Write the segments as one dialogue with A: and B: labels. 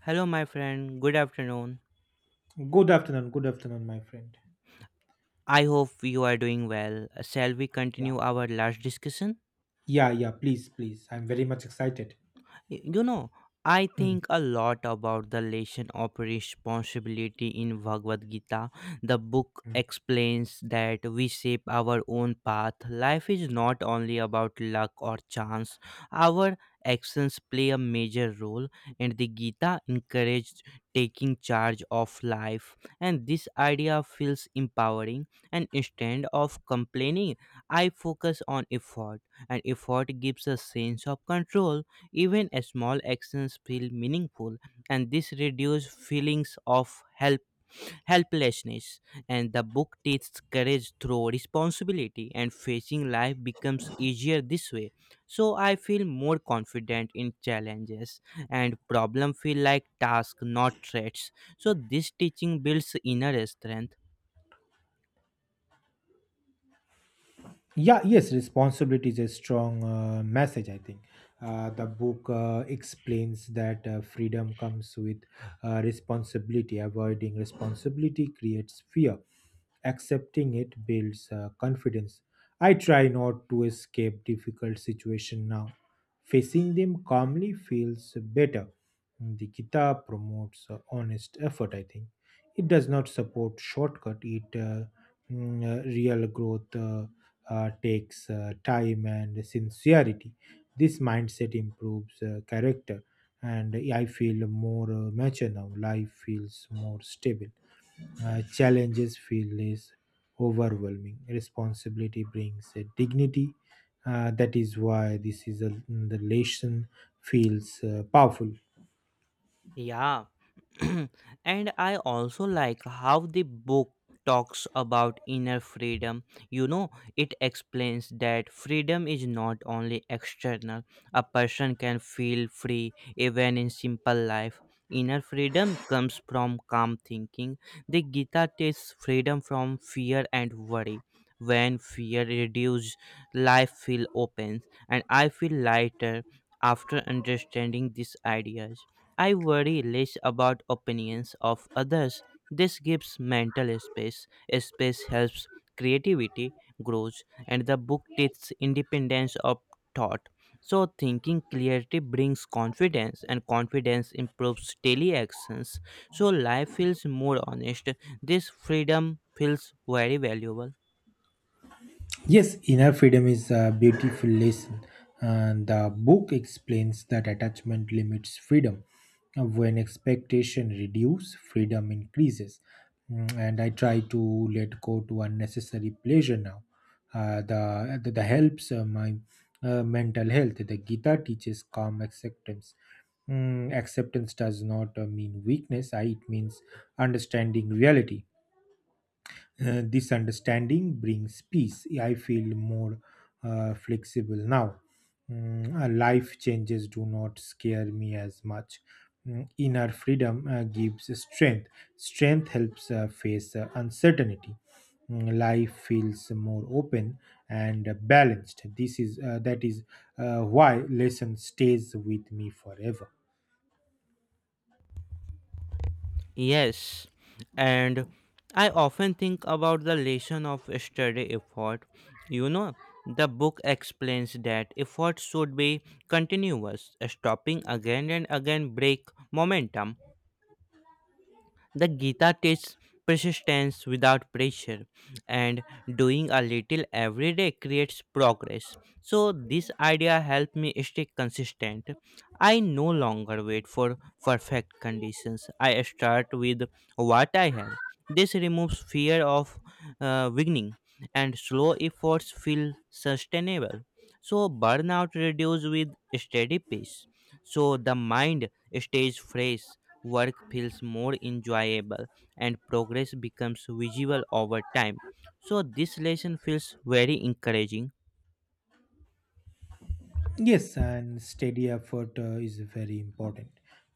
A: Hello, my friend. Good afternoon.
B: Good afternoon. Good afternoon, my friend.
A: I hope you are doing well. Shall we
B: Yeah.
A: continue our last discussion?
B: Yeah, yeah, please, please. I'm very much excited.
A: You know, I
B: Hmm,
A: think a lot about the lesson of responsibility in Bhagavad Gita. The book
B: hmm.
A: explains that we shape our own path. Life is not only about luck or chance, our actions play a major role, and the Gita encouraged taking charge of life. And this idea feels empowering, and instead of complaining, I focus on effort, and effort gives a sense of control even a small actions feel meaningful, and this reduces feelings of helplessness. And the book teaches courage through responsibility, and facing life becomes easier this way. So I feel more confident in challenges, and problem feel like tasks, not threats. So this teaching builds inner strength.
B: Yeah, yes, responsibility is a strong message I think. The book explains that freedom comes with responsibility. Avoiding responsibility creates fear. Accepting it builds confidence. I try not to escape difficult situation now. Facing them calmly feels better. The kitab promotes honest effort, I think. It does not support shortcut. Real growth takes time and sincerity. This mindset improves character, and I feel more mature now. Life feels more stable. Challenges feel less overwhelming. Responsibility brings a dignity. That is why the lesson feels powerful.
A: Yeah. And I also like how the book talks about inner freedom. You know, it explains that freedom is not only external. A person can feel free even in simple life. Inner freedom comes from calm thinking. The Gita takes freedom from fear and worry. When fear reduces, life feel opens, and I feel lighter after understanding these ideas. I worry less about opinions of others. This gives mental space. Space helps creativity grows and the book teaches independence of thought. So thinking clarity brings confidence and confidence improves daily actions. So life feels more honest. This freedom feels very valuable.
B: Yes, inner freedom is a beautiful lesson. And the book explains that attachment limits freedom. When expectation reduces, freedom increases. And I try to let go to unnecessary pleasure now. The helps my mental health. The Gita teaches calm acceptance. Acceptance does not mean weakness. It means understanding reality. This understanding brings peace. I feel more flexible now. Life changes do not scare me as much. Inner freedom gives strength. Strength helps face uncertainty. Life feels more open and balanced. This is That is why lesson stays with me forever.
A: Yes, and I often think about the lesson of study effort. You know, the book explains that effort should be continuous, stopping again and again break momentum. The Gita teaches persistence without pressure, and doing a little every day creates progress. So, this idea helped me stay consistent. I no longer wait for perfect conditions, I start with what I have. This removes fear of beginning, and slow efforts feel sustainable. So, burnout reduces with steady pace. So, the mind stays fresh work feels more enjoyable and progress becomes visible over time. So, this lesson feels very encouraging.
B: Yes, and steady effort is very important.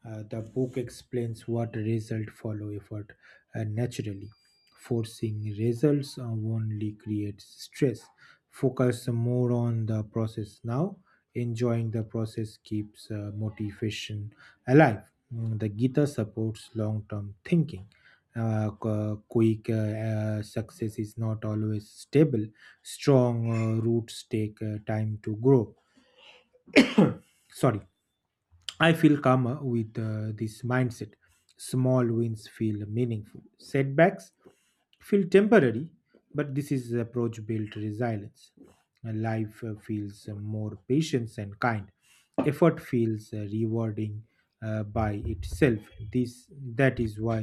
B: The book explains what result follow effort naturally. Forcing results only creates stress. Focus more on the process now. Enjoying the process keeps motivation alive. The Gita supports long term thinking. Quick success is not always stable. Strong roots take time to grow. Sorry, I feel calmer with this mindset. Small wins feel meaningful, setbacks feel temporary, but this is the approach built resilience. Life feels more patient and kind. Effort feels rewarding by itself. This That is why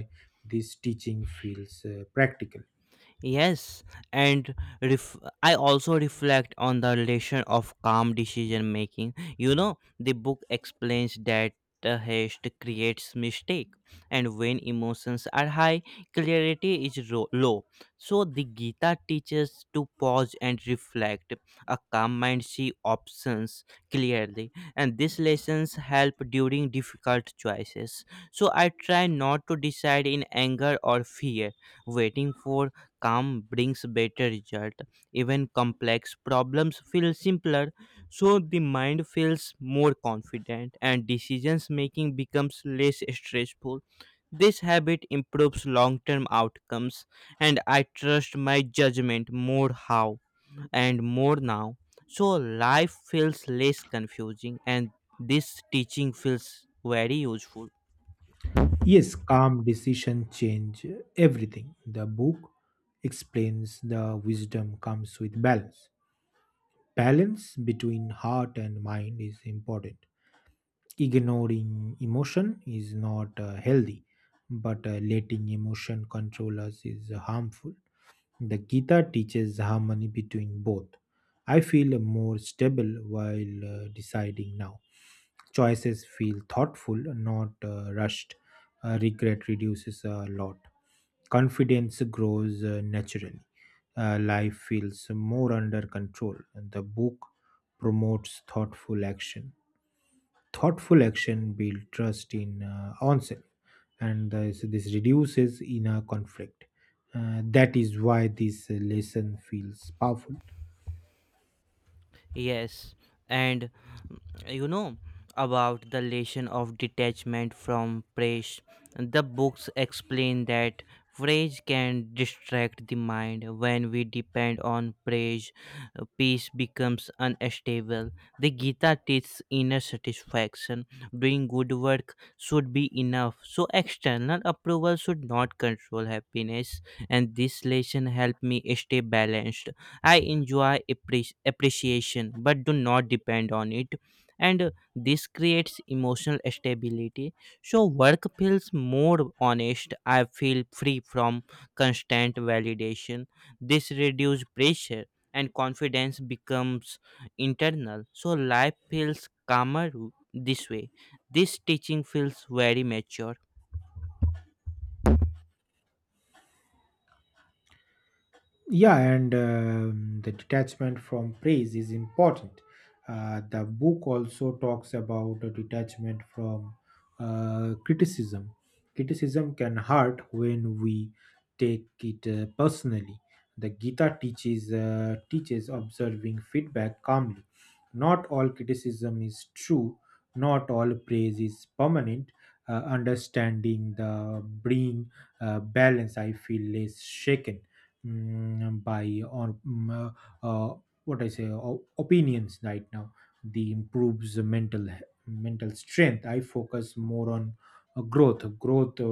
B: this teaching feels practical.
A: Yes, and ref- I also reflect on the relation of calm decision making. You know, the book explains that the haste creates mistake, and when emotions are high, clarity is low. So the Gita teaches to pause and reflect. A calm mind see options clearly, and these lessons help during difficult choices. So I try not to decide in anger or fear, waiting for calm brings better result. Even complex problems feel simpler, so the mind feels more confident and decisions making becomes less stressful. This habit improves long term outcomes, and I trust my judgment more how and more now. So life feels less confusing, and this teaching feels very useful.
B: Yes, calm decision change everything. The book explains the wisdom comes with balance. Balance between heart and mind is important. Ignoring emotion is not healthy, but letting emotion control us is harmful. The Gita teaches harmony between both. I feel more stable while deciding now. Choices feel thoughtful, not rushed. Regret reduces a lot, confidence grows naturally. Life feels more under control. The book promotes thoughtful action. Thoughtful action builds trust in onset, and this reduces inner conflict. That is why this lesson feels powerful.
A: Yes, and mm, you know about the lesson of detachment from praise. The books explain that praise can distract the mind. When we depend on praise, peace becomes unstable. The Gita teaches inner satisfaction. Doing good work should be enough. So external approval should not control happiness. And this lesson helped me stay balanced. I enjoy appreciation but do not depend on it. And this creates emotional stability. So work feels more honest. I feel free from constant validation. This reduces pressure and confidence becomes internal. So life feels calmer this way. This teaching feels very mature.
B: Yeah, and the detachment from praise is important. The book also talks about a detachment from criticism. Criticism can hurt when we take it personally. The Gita teaches observing feedback calmly. Not all criticism is true. Not all praise is permanent. Understanding the bring balance, I feel less shaken by uh, uh, what I say opinions right now. The improves the mental strength. I focus more on growth. Growth uh,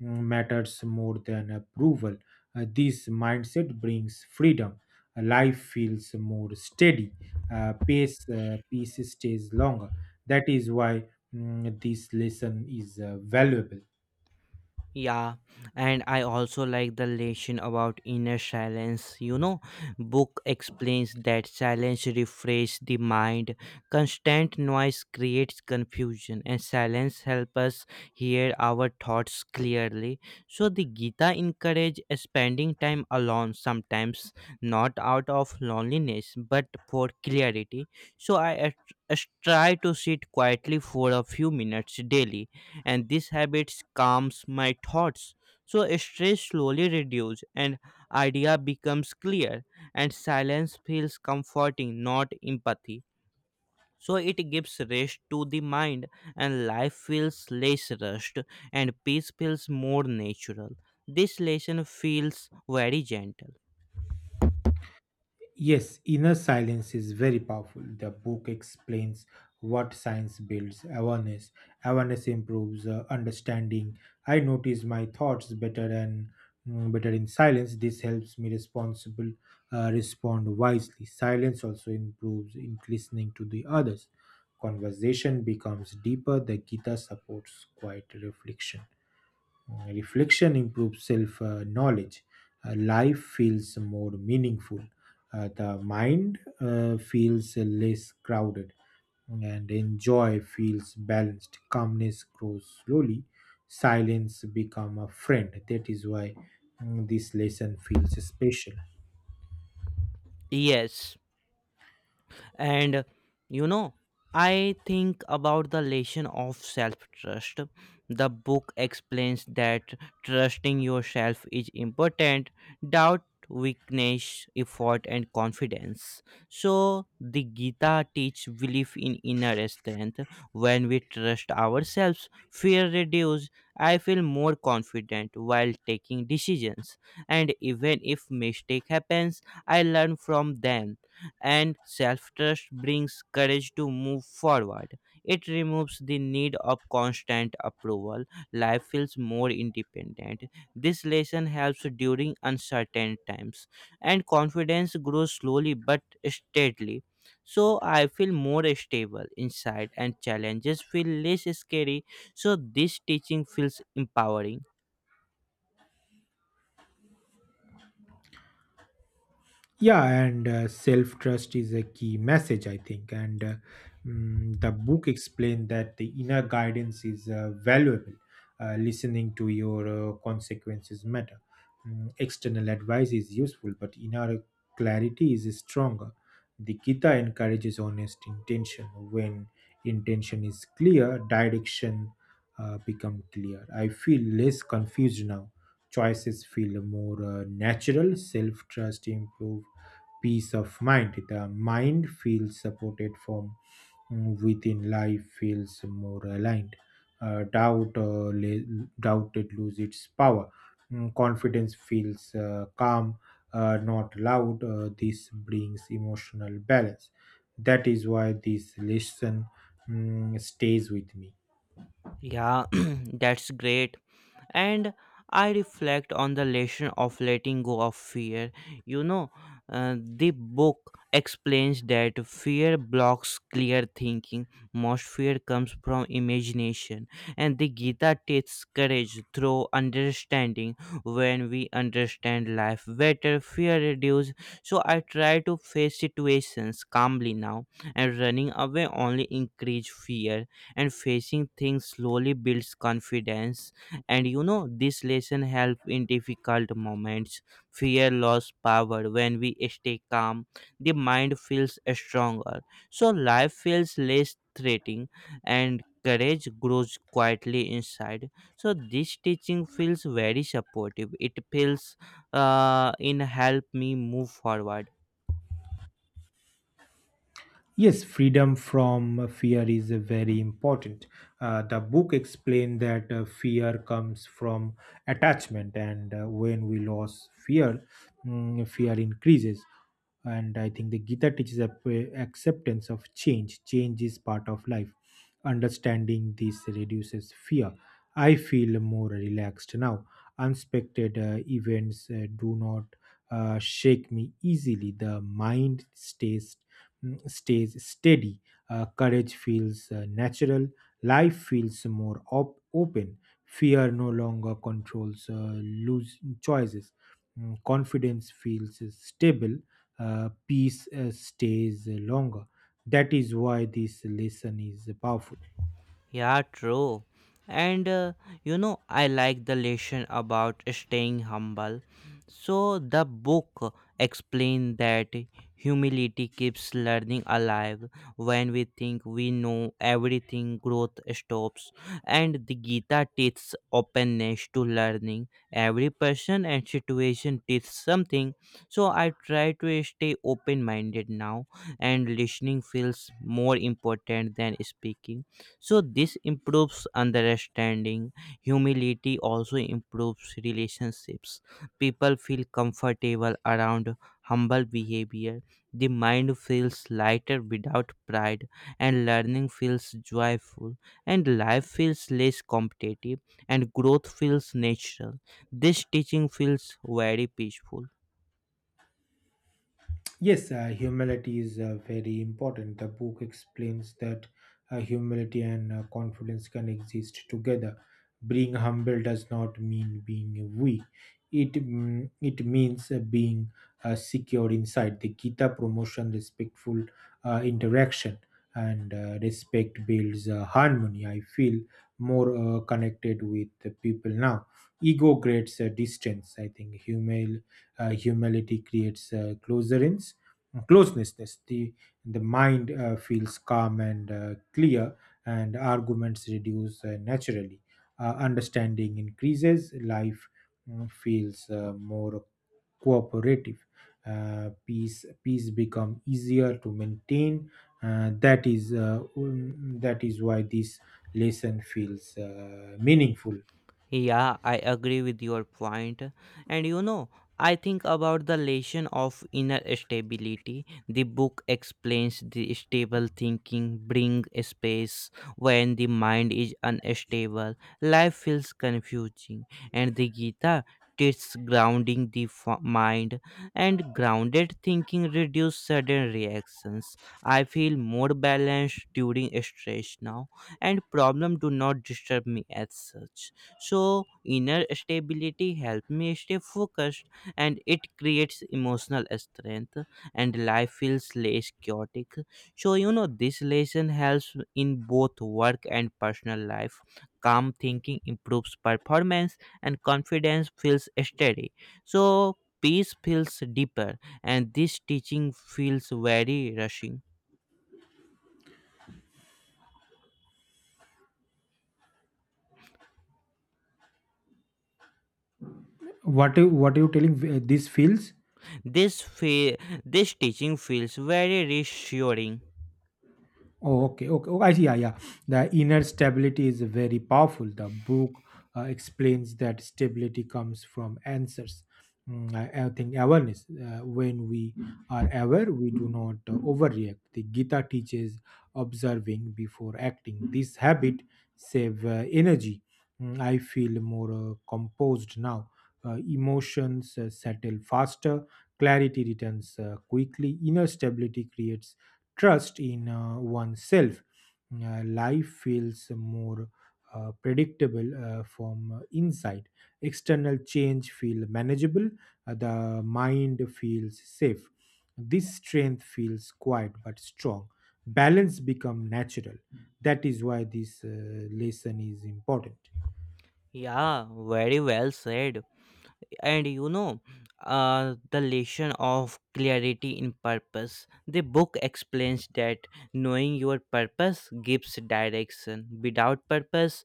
B: mm, matters more than approval. This mindset brings freedom. Life feels more steady. Pace peace stays longer. That is why this lesson is valuable.
A: Yeah, and I also like the lesson about inner silence. You know, book explains that silence refreshes the mind. Constant noise creates confusion, and silence helps us hear our thoughts clearly. So the Gita encourage spending time alone, sometimes not out of loneliness but for clarity. So try to sit quietly for a few minutes daily and these habits calms my thoughts so stress slowly reduces and idea becomes clear and silence feels comforting not empathy so it gives rest to the mind and life feels less rushed and peace feels more natural this lesson feels very gentle.
B: Yes, inner silence is very powerful. The book explains what science builds awareness. Awareness improves understanding. I notice my thoughts better and better in silence. This helps me responsible respond wisely. Silence also improves in listening to the others. Conversation becomes deeper. The Gita supports quiet reflection. Reflection improves self knowledge. Life feels more meaningful. The mind feels less crowded and enjoy feels balanced. Calmness grows slowly. Silence become a friend. That is why this lesson feels special.
A: Yes, and you know, I think about the lesson of self trust. The book explains that trusting yourself is important, doubt weakness effort and confidence. So the Gita teaches belief in inner strength. When we trust ourselves fear reduces. I feel more confident while taking decisions and even if mistake happens I learn from them and self trust brings courage to move forward. It removes the need of constant approval. Life feels more independent. This lesson helps during uncertain times, and confidence grows slowly but steadily. So, I feel more stable inside, and challenges feel less scary. So, this teaching feels empowering.
B: Yeah, and self trust is a key message I think, and the book explained that the inner guidance is valuable. Listening to your consequences matter. External advice is useful, but inner clarity is stronger. The Gita encourages honest intention. When intention is clear, direction become clear. I feel less confused now. Choices feel more natural. Self trust improve peace of mind. The mind feels supported from within. Life feels more aligned. Doubt it lose its power. Confidence feels calm, not loud. This brings emotional balance. That is why this lesson stays with me.
A: Yeah, that's great and I reflect on the lesson of letting go of fear. You know, the book explains that fear blocks clear thinking. Most fear comes from imagination, and the Gita teaches courage through understanding. When we understand life better, fear reduces. So I try to face situations calmly now, and running away only increases fear, and facing things slowly builds confidence and you know this lesson help in difficult moments. Fear lost power when we stay calm. The mind feels stronger so life feels less threatening and courage grows quietly inside so this teaching feels very supportive. It feels in help me move forward.
B: Yes, freedom from fear is very important. The book explained that fear comes from attachment, and when we lose fear, fear increases. And I think the Gita teaches acceptance of change. Change is part of life. Understanding this reduces fear. I feel more relaxed now. Unexpected events do not shake me easily. The mind stays steady. Courage feels natural. Life feels more open. Fear no longer controls loose choices. Confidence feels stable. Peace stays longer. That is why this lesson is powerful.
A: Yeah, true. And you know, I like the lesson about staying humble. So the book explained that humility keeps learning alive. When we think we know everything, growth stops. And the Gita teaches openness to learning. Every person and situation teaches something. So I try to stay open-minded now, and listening feels more important than speaking so this improves understanding. Humility also improves relationships. People feel comfortable around humble behavior. The mind feels lighter without pride and learning feels joyful and life feels less competitive and growth feels natural. This teaching feels very peaceful.
B: Yes, humility is very important. The book explains that humility and confidence can exist together. Being humble does not mean being weak. It means being secure inside. The Gita promotion respectful interaction, and respect builds harmony. I feel more connected with the people now. Ego creates a distance. I think humility creates closerance, closeness. the the mind feels calm and clear, and arguments reduce naturally. Understanding increases. Life feels more cooperative. Peace become easier to maintain. That is why this lesson feels meaningful.
A: Yeah, I agree with your point. And you know, I think about the lesson of inner stability. The book explains the stable thinking bring space when the mind is unstable. Life feels confusing, and the Gita teaches grounding the mind and grounded thinking reduce sudden reactions. I feel more balanced during stress now, and problem do not disturb me as such so, inner stability helps me stay focused and it creates emotional strength, and life feels less chaotic. So, you know, this lesson helps in both work and personal life. Calm thinking improves performance, and confidence feels steady. So, peace feels deeper, and this teaching feels very rushing.
B: What are you telling? This feels...
A: This, fe- this teaching feels very reassuring.
B: Oh, okay, okay. Oh, I see. Yeah, yeah. The inner stability is very powerful. The book explains that stability comes from answers. I think awareness. When we are aware, we do not overreact. The Gita teaches observing before acting. This habit save energy. I feel more composed now. Emotions settle faster. Clarity returns quickly. Inner stability creates trust in oneself. Life feels more predictable from inside. External change feel manageable. The mind feels safe. This strength feels quiet but strong. Balance become natural. That is why this lesson is important.
A: Yeah, very well said. And you know, the lesson of clarity in purpose. The book explains that knowing your purpose gives direction. Without purpose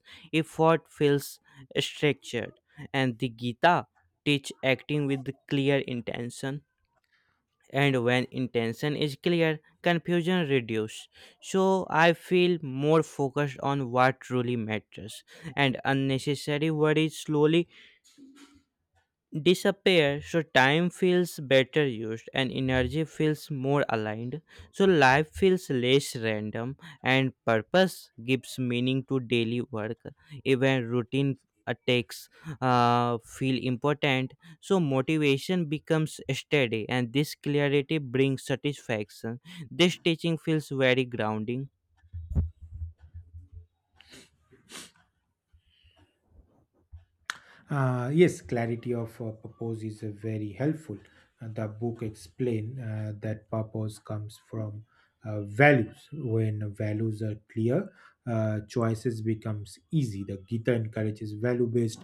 A: effort feels structured and the Gita teach acting with clear intention and when intention is clear confusion reduces so I feel more focused on what truly matters and unnecessary worries slowly disappear so time feels better used and energy feels more aligned so life feels less random and purpose gives meaning to daily work. Even routine attacks feel important so motivation becomes steady and this clarity brings satisfaction. This teaching feels very grounding.
B: Yes, clarity of purpose is very helpful. The book explain that purpose comes from values. When values are clear, choices becomes easy. The Gita encourages value-based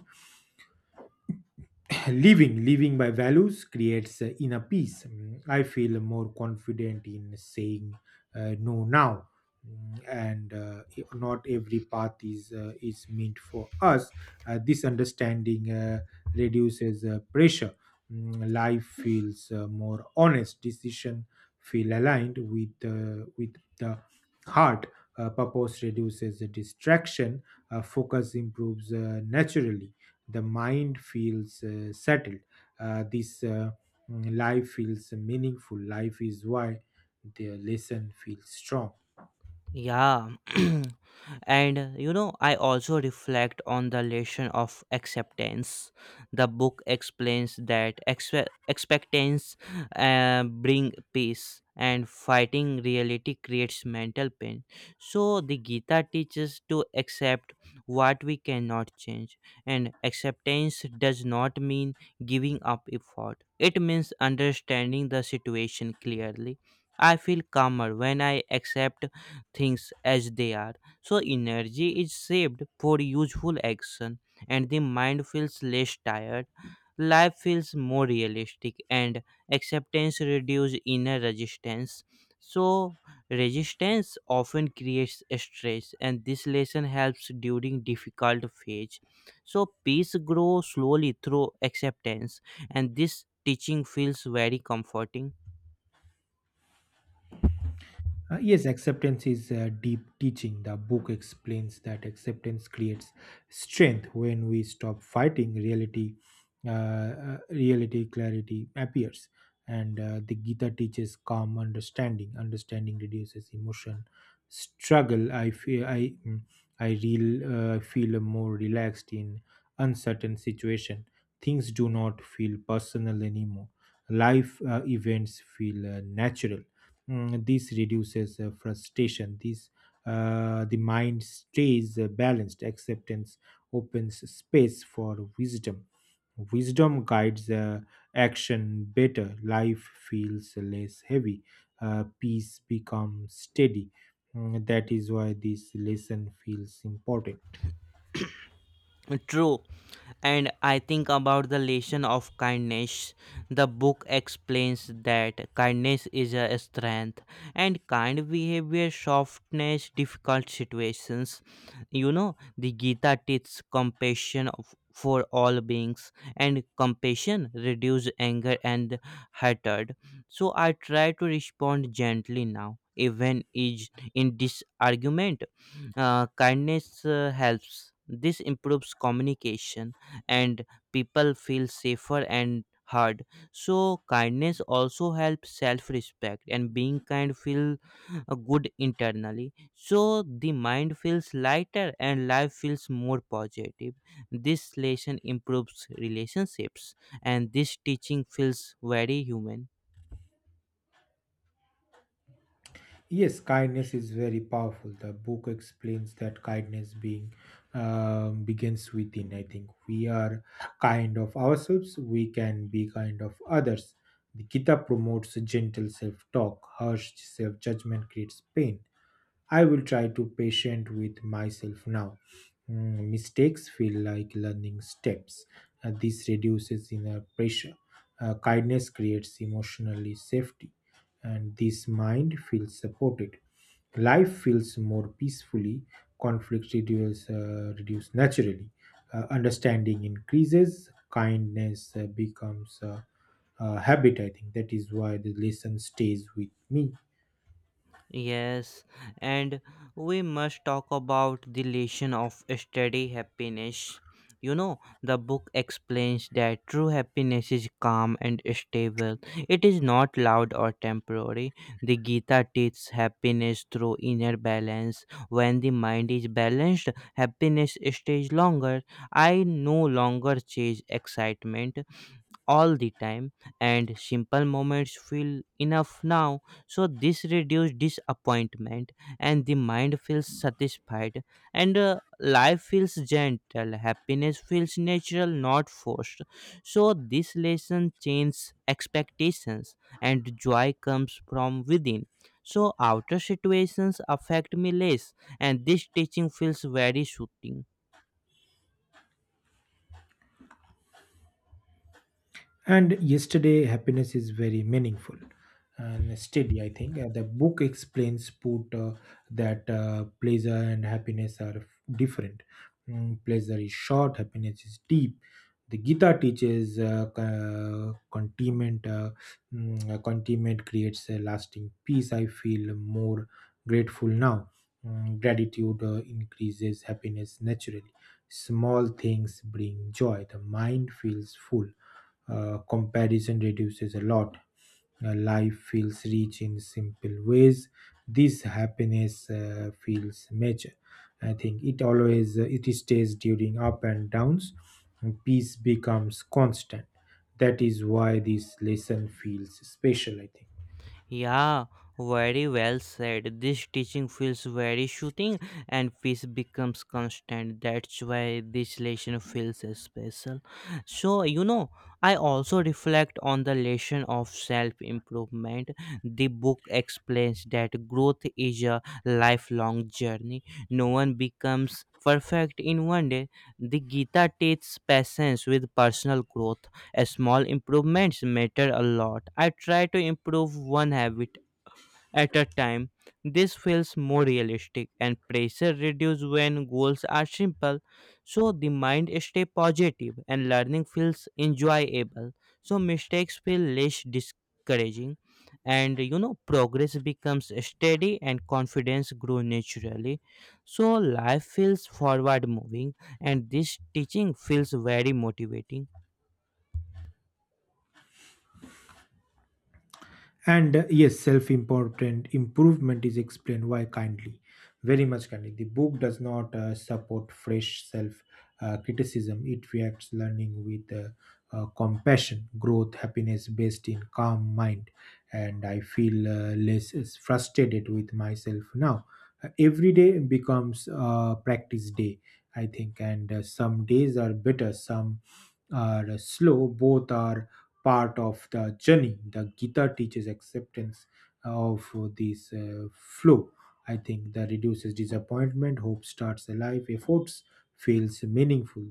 B: living by values creates inner peace. I feel more confident in saying no now. And not every path is meant for us. This understanding reduces pressure. Life feels more honest. Decision feel aligned with the heart. Purpose reduces the distraction. Focus improves naturally. The mind feels settled. uh, this uh, Life feels meaningful. Life is why the lesson feels strong.
A: Yeah. And you know, I also reflect on the lesson of acceptance. The book explains that expectance bring peace and fighting reality creates mental pain. So the Gita teaches to accept what we cannot change and acceptance does not mean giving up effort. It means understanding the situation clearly. I feel calmer when I accept things as they are. So energy is saved for useful action and the mind feels less tired. Life feels more realistic and acceptance reduces inner resistance. So resistance often creates stress and this lesson helps during difficult phase. So peace grows slowly through acceptance and this teaching feels very comforting.
B: Yes, acceptance is deep teaching. The book explains that acceptance creates strength. When we stop fighting reality, reality clarity appears, and the Gita teaches calm understanding. Understanding reduces emotion struggle. I feel I mm, I real feel more relaxed in uncertain situation. Things do not feel personal anymore. Life events feel natural. This reduces frustration. This The mind stays balanced. Acceptance opens space for wisdom. Wisdom guides action better. Life feels less heavy. Peace becomes steady. That is why this lesson feels important.
A: True. And I think about the lesson of kindness. The book explains that kindness is a strength and kind behavior softness difficult situations. You know, the Gita teaches compassion of, for all beings and compassion reduces anger and hatred. So I try to respond gently now, even is in this argument. Kindness helps. This improves communication and people feel safer and heard. So, kindness also helps self respect and being kind feel good internally. So, the mind feels lighter and life feels more positive. This lesson improves relationships and this teaching feels very human.
B: Yes, kindness is very powerful. The book explains that kindness being begins within. I think we are kind of ourselves, we can be kind of others. The Gita promotes gentle self-talk. Harsh self-judgment creates pain. I will try to patient with myself now. Mistakes feel like learning steps. This reduces inner pressure. Kindness creates emotionally safety, and this mind feels supported. Life feels more peacefully, conflicts reduce, reduce naturally, understanding increases, kindness becomes a habit. I think that is why the lesson stays with me.
A: Yes, and we must talk about the lesson of steady happiness. You know, the book explains that true happiness is calm and stable. It is not loud or temporary. The Gita teaches happiness through inner balance. When the mind is balanced, happiness stays longer. I no longer chase excitement all the time and simple moments feel enough now so this reduces disappointment and the mind feels satisfied and life feels gentle. Happiness feels natural not forced so this lesson changes expectations and joy comes from within so outer situations affect me less and this teaching feels very soothing.
B: And yesterday, happiness is very meaningful and steady, I think. The book explains put that pleasure and happiness are different. Pleasure is short, happiness is deep. The Gita teaches contentment. Contentment creates a lasting peace. I feel more grateful now. Gratitude increases happiness naturally. Small things bring joy. The mind feels full. Comparison reduces a lot. Life feels rich in simple ways. This happiness feels major. I think it always it stays during up and downs. And peace becomes constant. That is why this lesson feels special, I think.
A: Yeah, very well said. This teaching feels very shooting, and peace becomes constant. That's why this lesson feels special. So, you know, I also reflect on the lesson of self improvement. The book explains that growth is a lifelong journey, no one becomes perfect in one day. The Gita teaches patience with personal growth. A small improvements matter a lot. I try to improve one habit at a time. This feels more realistic and pressure reduces when goals are simple. So the mind stay positive and learning feels enjoyable. So mistakes feel less discouraging and you know progress becomes steady and confidence grows naturally. So life feels forward moving and this teaching feels very motivating.
B: And yes, self important improvement is explained why kindly, very much kindly. The book does not support fresh self criticism. It reacts learning with compassion, growth, happiness based in calm mind. And I feel less is frustrated with myself now. Every day becomes a practice day, I think. And some days are better, some are slow, both are part of the journey. The Gita teaches acceptance of this flow. I think that reduces disappointment, hope starts alive, efforts feels meaningful,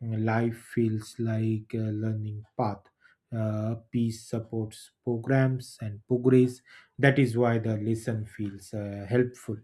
B: life feels like a learning path. Peace supports programs and progress. That is why the lesson feels helpful.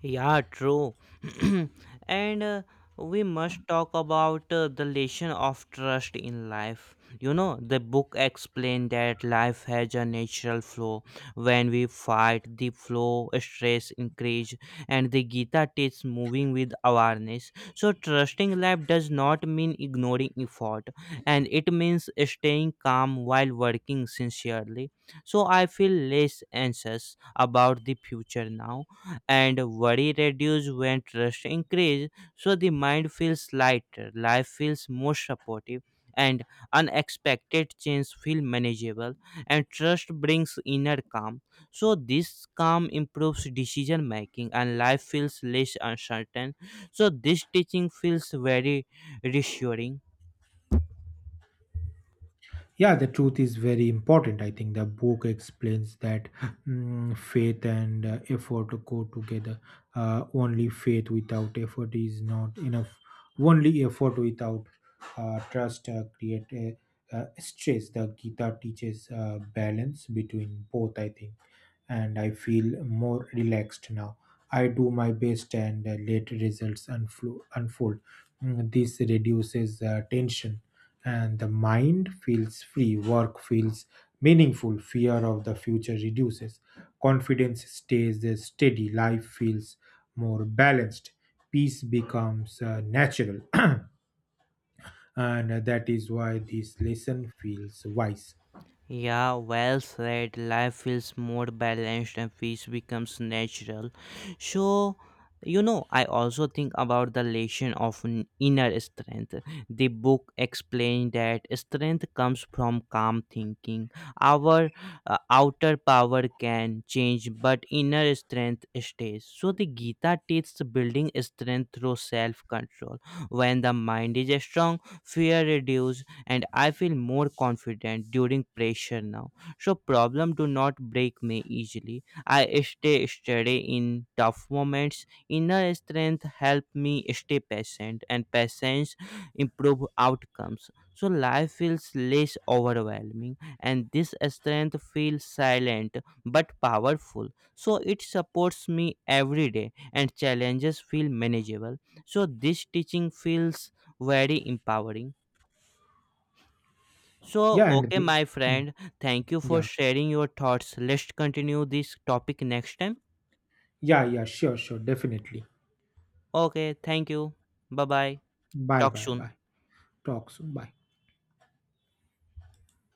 A: Yeah, true. And we must talk about the lesson of trust in life. You know, the book explained that life has a natural flow. When we fight, the flow stress increase, and the Gita teaches moving with awareness. So, trusting life does not mean ignoring effort, and it means staying calm while working sincerely. So, I feel less anxious about the future now and worry reduce when trust increase so the mind feels lighter life feels more supportive and unexpected change feel manageable and trust brings inner calm so this calm improves decision making and life feels less uncertain so this teaching feels very reassuring.
B: Yeah, the truth is very important. I think the book explains that faith and effort go together. Only faith without effort is not enough. Only effort without trust create stress. The Gita teaches balance between both, I think, and I feel more relaxed now. I do my best, and let results unfold. This reduces tension, and the mind feels free, work feels meaningful, fear of the future reduces, confidence stays steady, life feels more balanced, peace becomes natural. And that is why this lesson feels wise.
A: Yeah, well said. Life feels more balanced and peace becomes natural. So, you know, I also think about the lesson of inner strength. The book explained that strength comes from calm thinking. Our outer power can change, but inner strength stays. So, the Gita teaches building strength through self control. When the mind is strong, fear reduces and I feel more confident during pressure now. So problem do not break me easily. I stay steady in tough moments. Inner strength help me stay patient and patience improve outcomes. So life feels less overwhelming and this strength feels silent but powerful. So it supports me every day and challenges feel manageable. So this teaching feels very empowering. So,
B: Yeah, and
A: okay,
B: the,
A: my
B: hmm,
A: friend, thank you for
B: yeah,
A: sharing your thoughts. Let's continue this topic next time.
B: yeah, yeah, sure, sure, definitely.
A: Okay, thank you. Bye bye.
B: Bye,
A: Talk
B: bye,
A: soon.
B: bye. Talk soon. Bye.